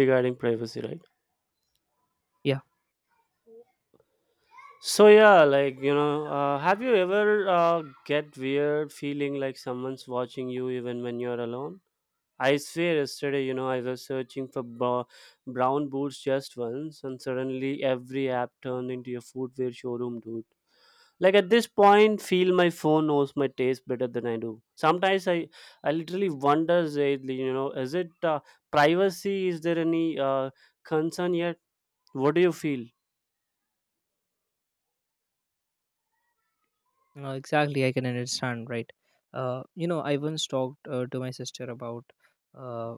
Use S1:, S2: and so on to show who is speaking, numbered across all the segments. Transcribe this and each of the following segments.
S1: Regarding privacy, right?
S2: Yeah,
S1: So yeah, like you know, have you ever uh, get weird feeling like someone's watching you even when you're alone? I swear yesterday, you know, I was searching for brown boots just once, and suddenly every app turned into a footwear showroom, dude. Like at this point, feel my phone knows my taste better than I do. Sometimes I literally wonder, Zaidly, you know, is it privacy, is there any concern yet? What do you feel?
S2: no, exactly. I can understand, right? I once talked to my sister uh,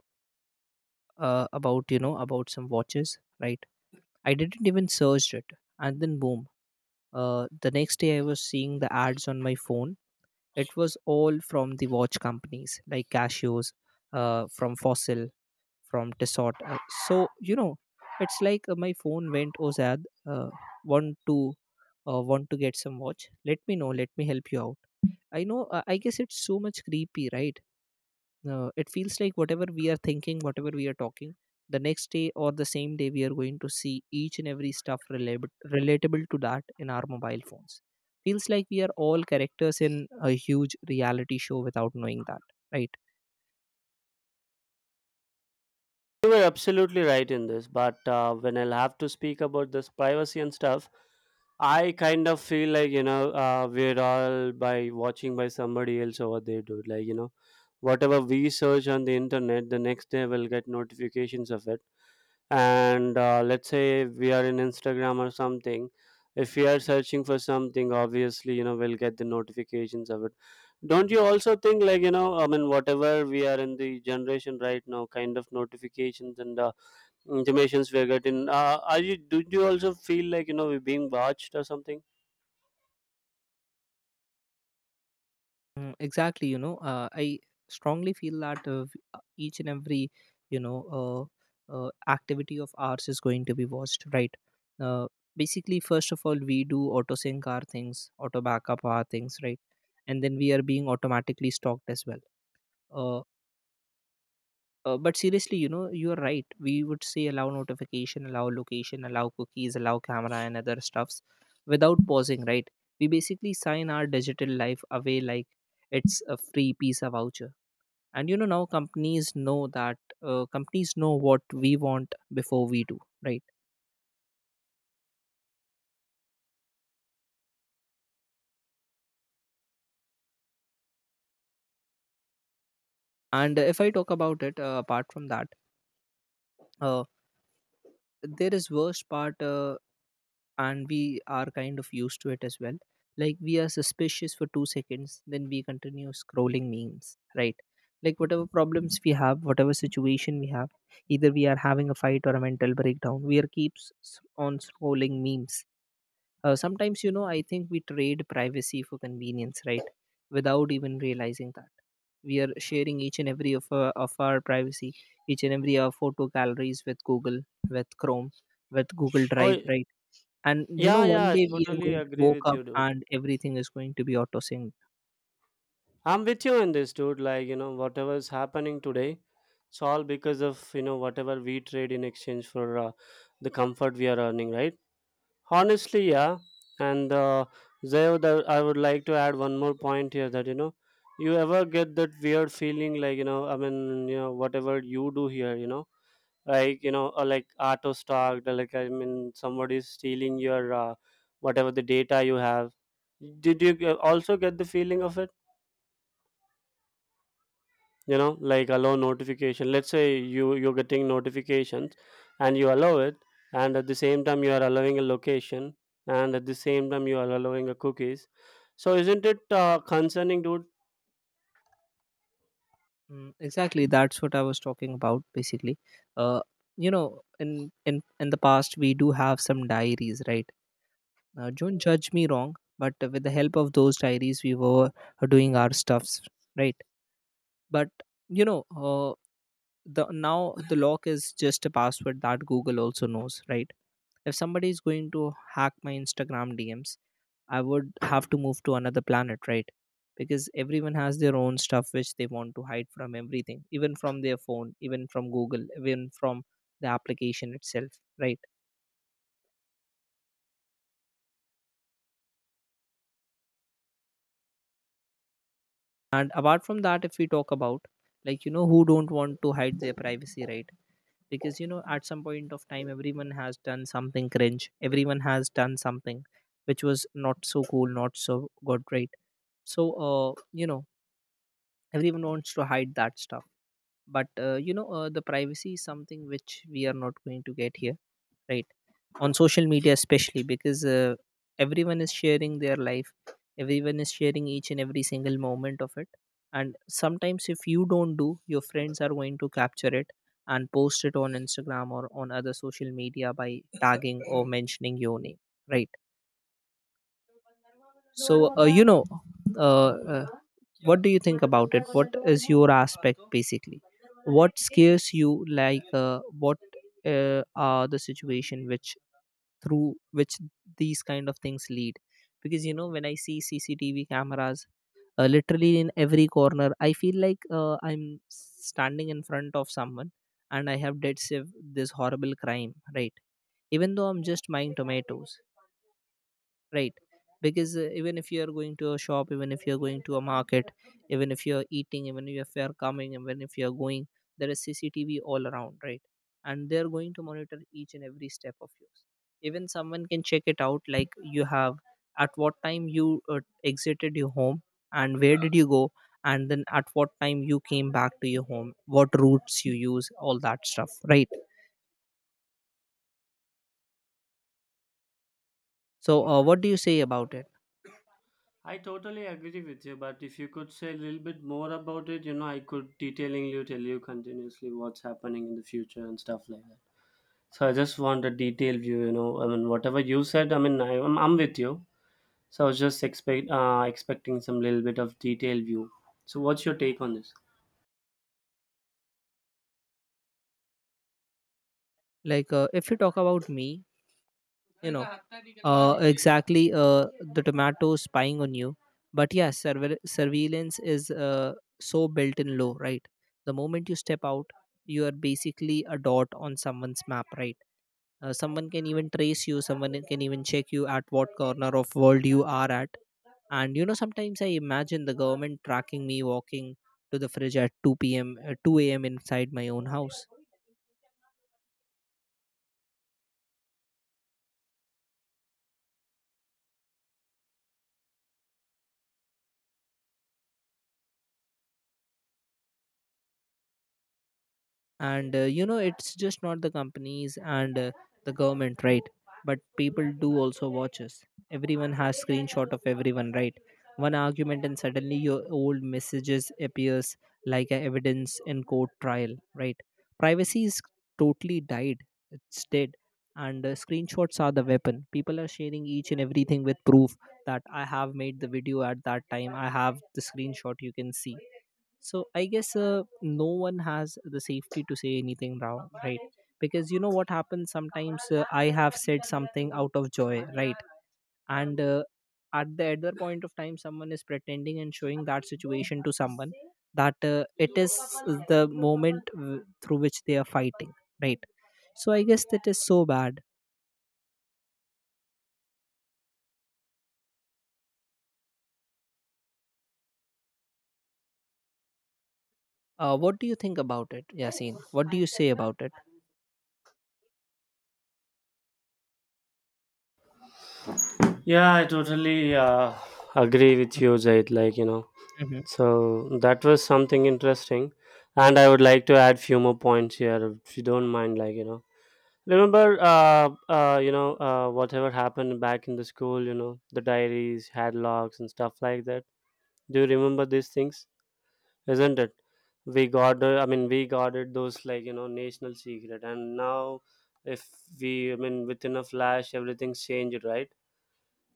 S2: about about some watches, right? I didn't even search it, and then boom. The next day I was seeing the ads on my phone. It was all from the watch companies like Cashios, from Fossil, from Tissot. So you know, it's like my phone went Ozad, want to, want to get some watch. Let me know. Let me help you out. I know, I guess it's so much creepy, right? It feels like whatever we are thinking, whatever we are talking, the next day or the same day, we are going to see each and every stuff relatable to that in our mobile phones. Feels like we are all characters in a huge reality show without knowing that, right?
S1: You were absolutely right in this, but when I'll have to speak about this privacy and stuff, I kind of feel like you know, we're all by watching by somebody else over there, dude. Like you know, whatever we search on the internet, the next day we'll get notifications of it. And let's say we are in Instagram or something. If we are searching for something, obviously you know, we'll get the notifications of it. Don't you also think, like you know, I mean, whatever we are in the generation right now, kind of notifications and intimations we're getting. Are you? Do you also feel like you know, we're being watched or something?
S2: Exactly, I strongly feel that each and every you know uh, activity of ours is going to be watched, right. uh, Basically, first of all, we do auto sync our things, auto backup our things, right? And then we are being automatically stalked as well. uh, but seriously, you are right, we would say allow notification, allow location, allow cookies, allow camera and other stuffs without pausing, right? We basically sign our digital life away like it's a free piece of voucher. And now companies know that, companies know what we want before we do, right? And if I talk about it, apart from that, uh, there is worst part, and we are kind of used to it as well. Like, we are suspicious for 2 seconds, then we continue scrolling memes, right? Like, whatever problems we have, whatever situation we have, either we are having a fight or a mental breakdown, we are on scrolling memes. Sometimes I think we trade privacy for convenience, right? Without even realizing that, we are sharing each and every of of our privacy, each and every our photo galleries with Google, with Chrome, with Google Drive,
S1: Oh,
S2: right? And
S1: yeah, yeah.
S2: one
S1: I
S2: day we are
S1: totally
S2: going to
S1: agree
S2: woke
S1: with
S2: up
S1: you, dude.
S2: and everything is going to be auto synced.
S1: I'm with you in this, dude. Like you know, whatever's happening today, it's all because of you know, whatever we trade in exchange for the comfort we are earning, right? Honestly, yeah. And Zayo, I would like to add one more point here, that you know, you ever get that weird feeling like you know, I mean, you know, whatever you do here, you know, like you know, or like auto stalked, or like, I mean, somebody is stealing your whatever the data you have. Did you also get the feeling of it? You know, like allow notification, let's say you're getting notifications and you allow it. And at the same time you are allowing a location, and at the same time you are allowing a cookies. So isn't it concerning, dude?
S2: Exactly, that's what I was talking about basically. uh, in in the past we do have some diaries, right? Don't judge me wrong, but with the help of those diaries, we were doing our stuffs, right? But you know, the now the lock is just a password that Google also knows, right? If somebody is going to hack my Instagram DMs, I would have to move to another planet, right? Because everyone has their own stuff which they want to hide from everything, even from their phone, even from Google, even from the application itself, right? And apart from that, if we talk about, who don't want to hide their privacy, right? Because at some point of time, everyone has done something cringe. Everyone has done something which was not so cool, not so good, right? So uh, you know everyone wants to hide that stuff, but the privacy is something which we are not going to get here, right? On social media especially, because everyone is sharing their life, everyone is sharing each and every single moment of it. And sometimes if you don't, do your friends are going to capture it and post it on Instagram or on other social media by tagging or mentioning your name, right? So uh, uh, what do you think about it? What is your aspect basically? What scares you? Like, what are the situation which, through which, these kind of things lead? Because when I see CCTV cameras literally in every corner, I feel like I'm standing in front of someone and I have dead saved this horrible crime, right? Even though I'm just buying tomatoes, right? Because even if you are going to a shop, even if you are going to a market, even if you are eating, even if you are coming, even if you are going, there is CCTV all around, right? And they are going to monitor each and every step of yours. Even someone can check it out, like you have at what time you exited your home and where did you go, and then at what time you came back to your home, what routes you use, all that stuff, right? So what do you say about it?
S1: I totally agree with you, but if you could say a little bit more about it, you know, I could detailingly tell you continuously what's happening in the future and stuff like that. So I just want a detailed view, you know. I mean, whatever you said, I mean, I'm with you. So I was just expecting some little bit of detailed view. So what's your take on this?
S2: Like, if you talk about me, you know uh, exactly. The tomato spying on you, but yeah, surveillance is so built in low, right? The moment you step out, you are basically a dot on someone's map, right? Someone can even trace you. Someone can even check you at what corner of world you are at. And you know, sometimes I imagine the government tracking me walking to the fridge at 2 p.m., 2 a.m. inside my own house. And it's just not the companies and the government, right? But people do also watch us. Everyone has screenshot of everyone, right? One argument and suddenly your old messages appears like a evidence in court trial, right? Privacy is totally died. It's dead. And screenshots are the weapon. People are sharing each and everything with proof that I have made the video at that time, I have the screenshot, you can see. So I guess no one has the safety to say anything wrong, right? Because what happens sometimes, I have said something out of joy, right? And at the other point of time, someone is pretending and showing that situation to someone, that it is the moment through which they are fighting, right? So I guess that is so bad. What do you think about it, Yasin? What do you say about it?
S1: Yeah, I totally agree with you, Zaid. Like you know,
S2: Mhm.
S1: so that was something interesting, and I would like to add few more points here, if you don't mind. Like you know, remember, you know, whatever happened back in the school, you know, the diaries hadlocks and stuff like that. Do you remember these things? Isn't it? We got I mean, we guarded those like you know, national secret. And now if we, I mean, within a flash everything's changed, right?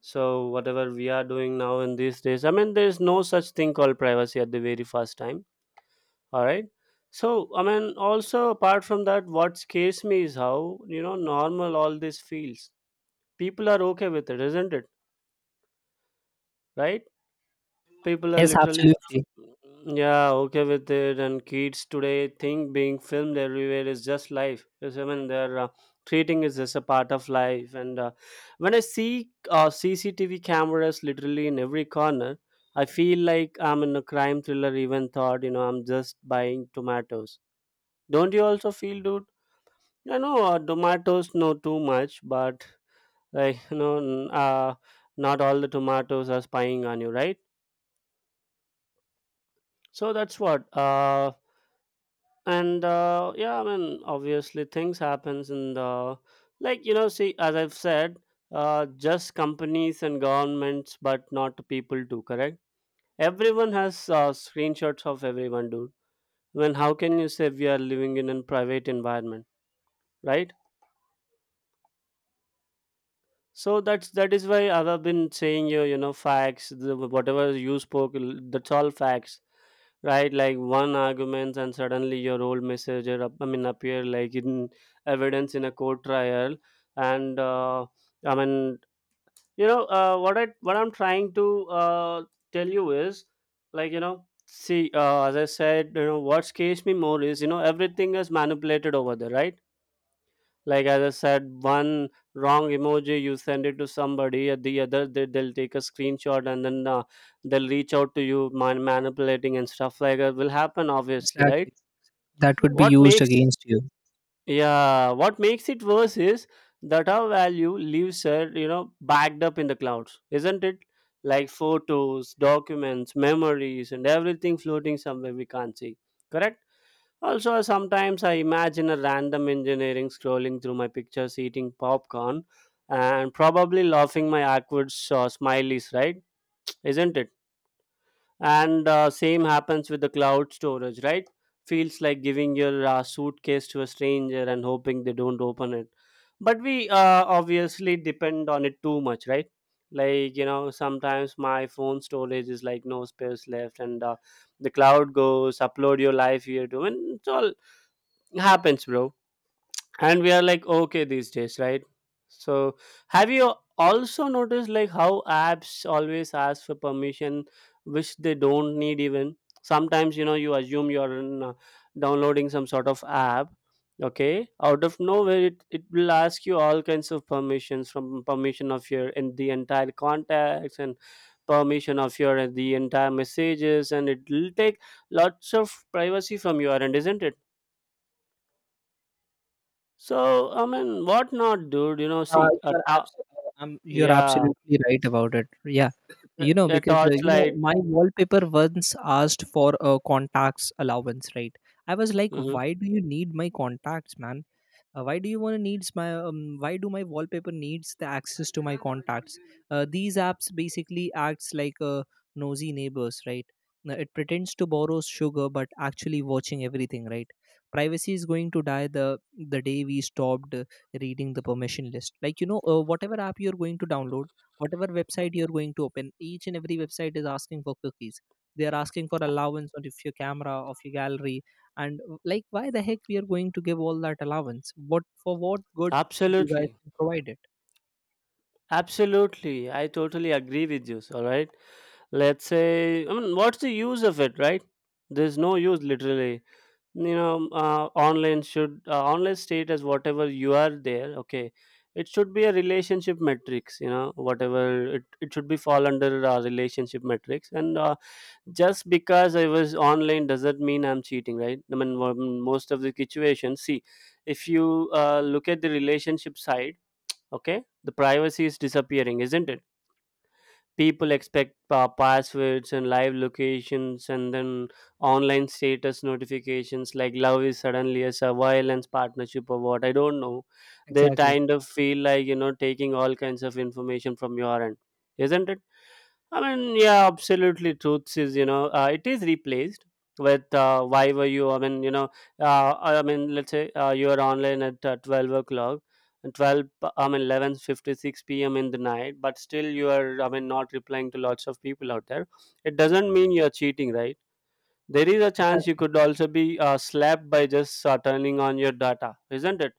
S1: So whatever we are doing now in these days, I mean, there's no such thing called privacy at the very first time. All right? So I mean, also apart from that, what scares me is how, you know, normal all this feels. People are okay with it, isn't it? Right? People are
S2: Yes,
S1: literally
S2: absolutely.
S1: yeah, okay with it, and kids today think being filmed everywhere is just life, because I mean, they're treating it as a part of life. And when I see CCTV cameras literally in every corner, I feel like I'm in a crime thriller, even thought you know, I'm just buying tomatoes. Don't you also feel, dude? I know, tomatoes know too much, but like you know, not all the tomatoes are spying on you, right? So that's what and yeah, I mean obviously things happens in the, like you know, see, as I've said, just companies and governments, but not the people too, correct? Everyone has screenshots of everyone, dude. I mean, how can you say we are living in a private environment, right? So that is why I have been saying, you know facts, whatever you spoke, that's all facts, right? Like one arguments and suddenly your old messenger I mean, appear like in evidence in a court trial. And I mean, you know, what I'm trying to tell you is, like you know, see, as I said, you know, what scares me more is, you know, everything is manipulated over there, right? Like as I said, one wrong emoji you send it to somebody at the other, they'll take a screenshot, and then they'll reach out to you, manipulating and stuff like that will happen obviously, right?
S2: Exactly. That would be
S1: what
S2: used
S1: makes
S2: against you.
S1: Yeah, what makes it worse is that our value leaves are, you know, backed up in the clouds, isn't it? Like photos, documents, memories, and everything floating somewhere we can't see, correct? Also, sometimes I imagine a random engineering scrolling through my pictures, eating popcorn, and probably laughing my awkward smileys, right? Isn't it? And same happens with the cloud storage, right? Feels like giving your suitcase to a stranger and hoping they don't open it. But we obviously depend on it too much, right? Like, you know, sometimes my phone storage is like no space left, and the cloud goes, upload your life here too, and it's all happens, bro. And we are like, okay these days, right? So have you also noticed like how apps always ask for permission which they don't need even? Sometimes you know, you assume you're in, downloading some sort of app. Okay, out of nowhere, it will ask you all kinds of permissions, from permission of your and the entire contacts, and permission of your the entire messages, and it will take lots of privacy from your end, isn't it? So I mean, what not, dude? You know, see a
S2: You are
S1: yeah,
S2: absolutely right about it. Yeah,
S1: a
S2: because
S1: torchlight.
S2: my wallpaper once asked for a contacts allowance, right? I was like,
S1: Hmm.
S2: why do you need my contacts, man? Why do you want to needs my why do my wallpaper needs the access to my contacts? These apps basically acts like nosy neighbors, right? Now, it pretends to borrow sugar but actually watching everything, right? Privacy is going to die the day we stopped reading the permission list. Like, whatever app you're going to download, whatever website you're going to open, each and every website is asking for cookies, they are asking for allowance of your camera, of your gallery. And like, why the heck we are going to give all that allowance? What for? What good you guys
S1: Absolutely,
S2: can provide it?
S1: absolutely. I totally agree with you. All right, let's say, I mean, what's the use of it, right? There's no use, literally. You know, online status, whatever you are there, okay, it should be a relationship metrics, you know, whatever it should be fall under relationship metrics. And just because I was online doesn't mean I'm cheating, right? I mean, most of the situations, see, if you look at the relationship side, okay, the privacy is disappearing, isn't it? People expect passwords and live locations, and then online status notifications. Like love is suddenly a surveillance partnership or what, I don't know. They
S2: Exactly.
S1: kind of feel like you know, taking all kinds of information from your end, isn't it? I mean, yeah, absolutely. Truths is, you know, it is replaced with why were you? I mean, you know, I mean, let's say you are online at 12 o'clock, and 12, I mean, 11:56 p.m. in the night, but still you are, I mean, not replying to lots of people out there. It doesn't mean you are cheating, right? There is a chance you
S2: Exactly.
S1: could also be slapped by just turning on your data, isn't it?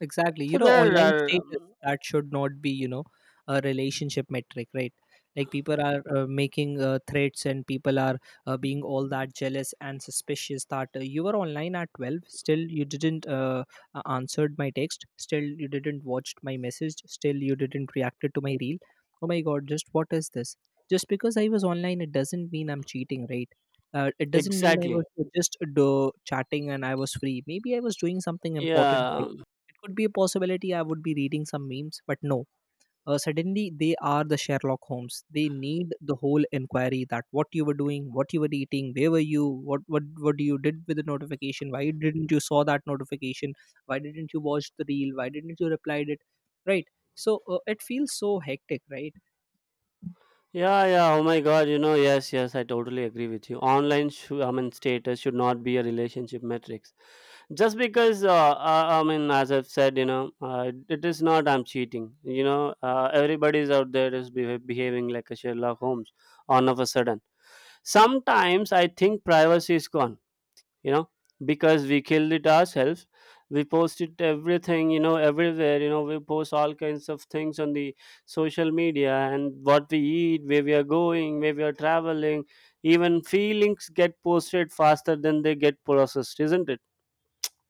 S2: Exactly. You
S1: So
S2: know,
S1: there
S2: online
S1: are
S2: status that should not be, you know, a relationship metric, right? Like, people are making threats, and people are being all that jealous and suspicious that you were online at 12, still you didn't answered my text, still you didn't watched my message, still you didn't reacted to my reel. Oh my God, just what is this? Just because I was online, it doesn't mean I'm cheating, right? It doesn't mean I was
S1: exactly.
S2: just chatting and I was free. Maybe I was doing something important,
S1: Yeah,
S2: right? It could be a possibility I would be reading some memes, but no. Suddenly, they are the Sherlock Holmes. They need the whole inquiry that what you were doing, what you were eating, where were you, what you did with the notification, why didn't you saw that notification, why didn't you watch the reel, why didn't you reply it, right? So it feels so hectic, right?
S1: yeah, yeah. Oh my God. You know, yes, yes. I totally agree with you. Online, I mean, status should not be a relationship metrics. Just because, I mean, as I've said, you know, it is not. I'm cheating. You know, everybody's out there is behaving like a Sherlock Holmes, all of a sudden. Sometimes I think privacy is gone, you know, because we killed it ourselves. We posted everything, you know, everywhere, you know, we post all kinds of things on the social media, and what we eat, where we are going, where we are traveling, even feelings get posted faster than they get processed, isn't it?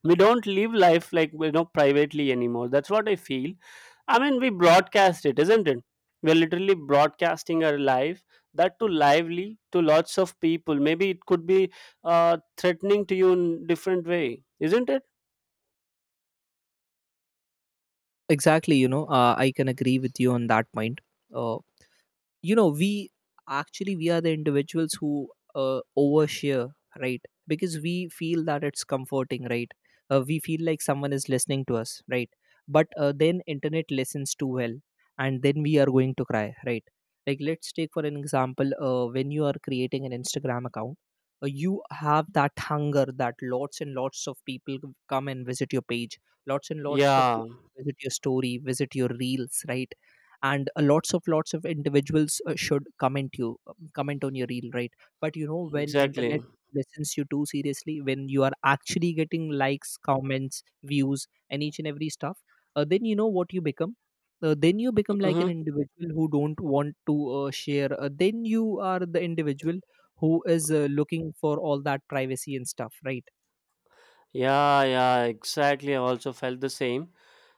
S1: We don't live life like you know, privately anymore. That's what I feel. I mean, we broadcast it, isn't it? We're literally broadcasting our life, that too lively to lots of people. Maybe it could be threatening to you in different way, isn't it?
S2: Exactly, I can agree with you on that point. Uh, we actually, we are the individuals who overshare, right? Because we feel that it's comforting, right? We feel like someone is listening to us, right? But then internet listens too well, and then we are going to cry, right? Like, let's take for an example, when you are creating an Instagram account, you have that hunger that lots and lots of people come and visit your page, lots and lots of
S1: Yeah,
S2: people visit your story, visit your reels, right? And lots of individuals should comment you, comment on your reel, right? But when
S1: exactly.
S2: internet listens you too seriously, when you are actually getting likes, comments, views, and each and every stuff, then you know what you become. Then you become like an
S1: Hmm.
S2: individual who don't want to share. Uh, then you are the individual who is looking for all that privacy and stuff, right?
S1: Yeah, yeah, exactly, I also felt the same.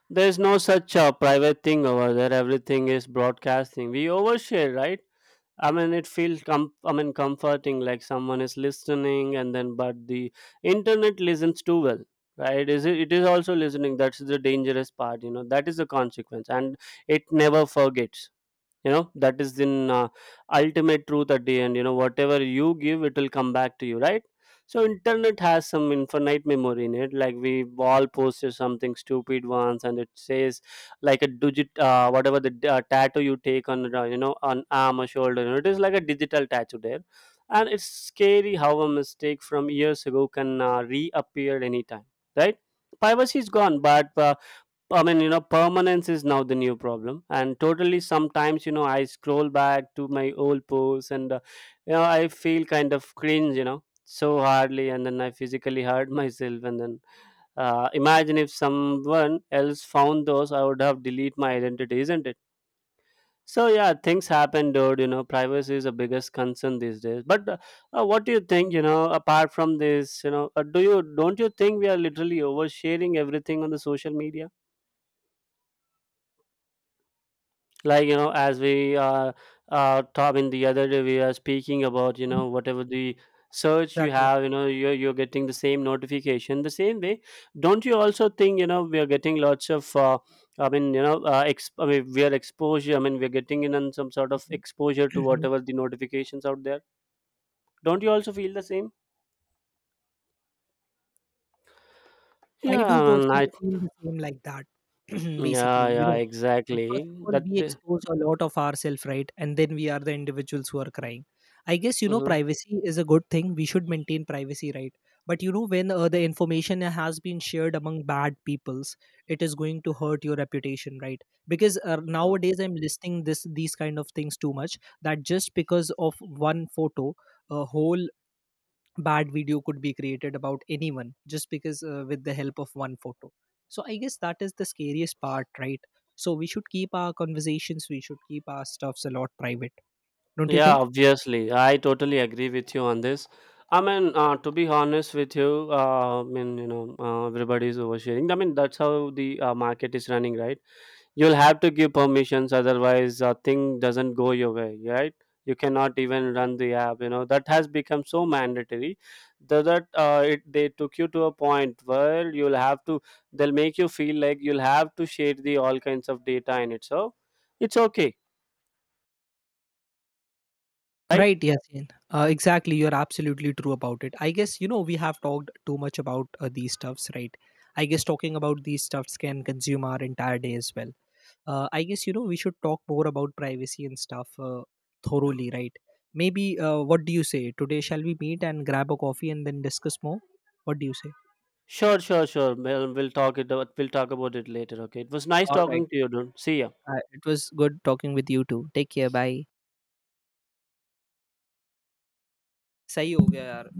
S1: There's no such private thing over there. Everything is broadcasting. We overshare, right? I mean, it feels I mean, comforting, like someone is listening, and then but the internet listens too well, right? Is it? It is also listening. That's the dangerous part, you know. That is the consequence, and it never forgets, you know. That is in ultimate truth at the end. You know, whatever you give, it will come back to you, right? So internet has some infinite memory in it. Like we all posted something stupid once and it says like a digit, whatever the tattoo you take on, you know, on arm or shoulder, you know, it is like a digital tattoo there. And it's scary how a mistake from years ago can reappear anytime, right? Privacy is gone, but I mean, you know, permanence is now the new problem. And totally, sometimes, you know, I scroll back to my old posts, and, you know, I feel kind of cringe, you know, so hardly. And then I physically hurt myself. And then imagine if someone else found those, I would have deleted my identity, isn't it? So, yeah, things happen, dude. You know, privacy is the biggest concern these days. But what do you think, you know, apart from this, you know, don't you think we are literally oversharing everything on the social media? Like you know, as we top in the other day we are speaking about, you know, whatever the search you
S2: Exactly.
S1: have, you know, you're getting the same notification the same way. Don't you also think, you know, we are getting lots of I mean, you know, ex I mean, we are exposure, I mean, we're getting in on some sort of exposure to whatever the notifications out there. Don't you also feel the same?
S2: I do
S1: Yeah. I,
S2: personally feel the same like that,
S1: yeah,
S2: basically. You
S1: yeah,
S2: know, first of
S1: exactly,
S2: all,
S1: that
S2: we expose a lot of ourselves, right? And then we are the individuals who are crying. I guess,
S1: Mhm.
S2: privacy is a good thing. We should maintain privacy, right? But, when the information has been shared among bad peoples, it is going to hurt your reputation, right? Because nowadays I'm listing this these kind of things too much, that just because of one photo, a whole bad video could be created about anyone, just because with the help of one photo. So I guess that is the scariest part, right? So we should keep our conversations, we should keep our stuffs a lot private, don't you
S1: Yeah,
S2: think,
S1: obviously. I totally agree with you on this. I mean, to be honest with you, I mean, you know, everybody is oversharing. I mean, that's how the market is running, right? You'll have to give permissions, otherwise, a thing doesn't go your way, right? You cannot even run the app. You know, that has become so mandatory that, that it they took you to a point where you'll have to. They'll make you feel like you'll have to share the all kinds of data in it. So it's okay, right?
S2: right, Yasin? Exactly, you're absolutely true about it. I guess we have talked too much about these stuffs, right? I guess talking about these stuffs can consume our entire day as well. I guess we should talk more about privacy and stuff thoroughly, right? Maybe what do you say today? Shall we meet and grab a coffee and then discuss more? What do you say?
S1: Sure, sure, sure. We'll talk it. We'll talk about it later. Okay. It was nice
S2: All right,
S1: talking to you, dude. See ya.
S2: it was good talking with you too. Take care. Bye. सही हो गया यार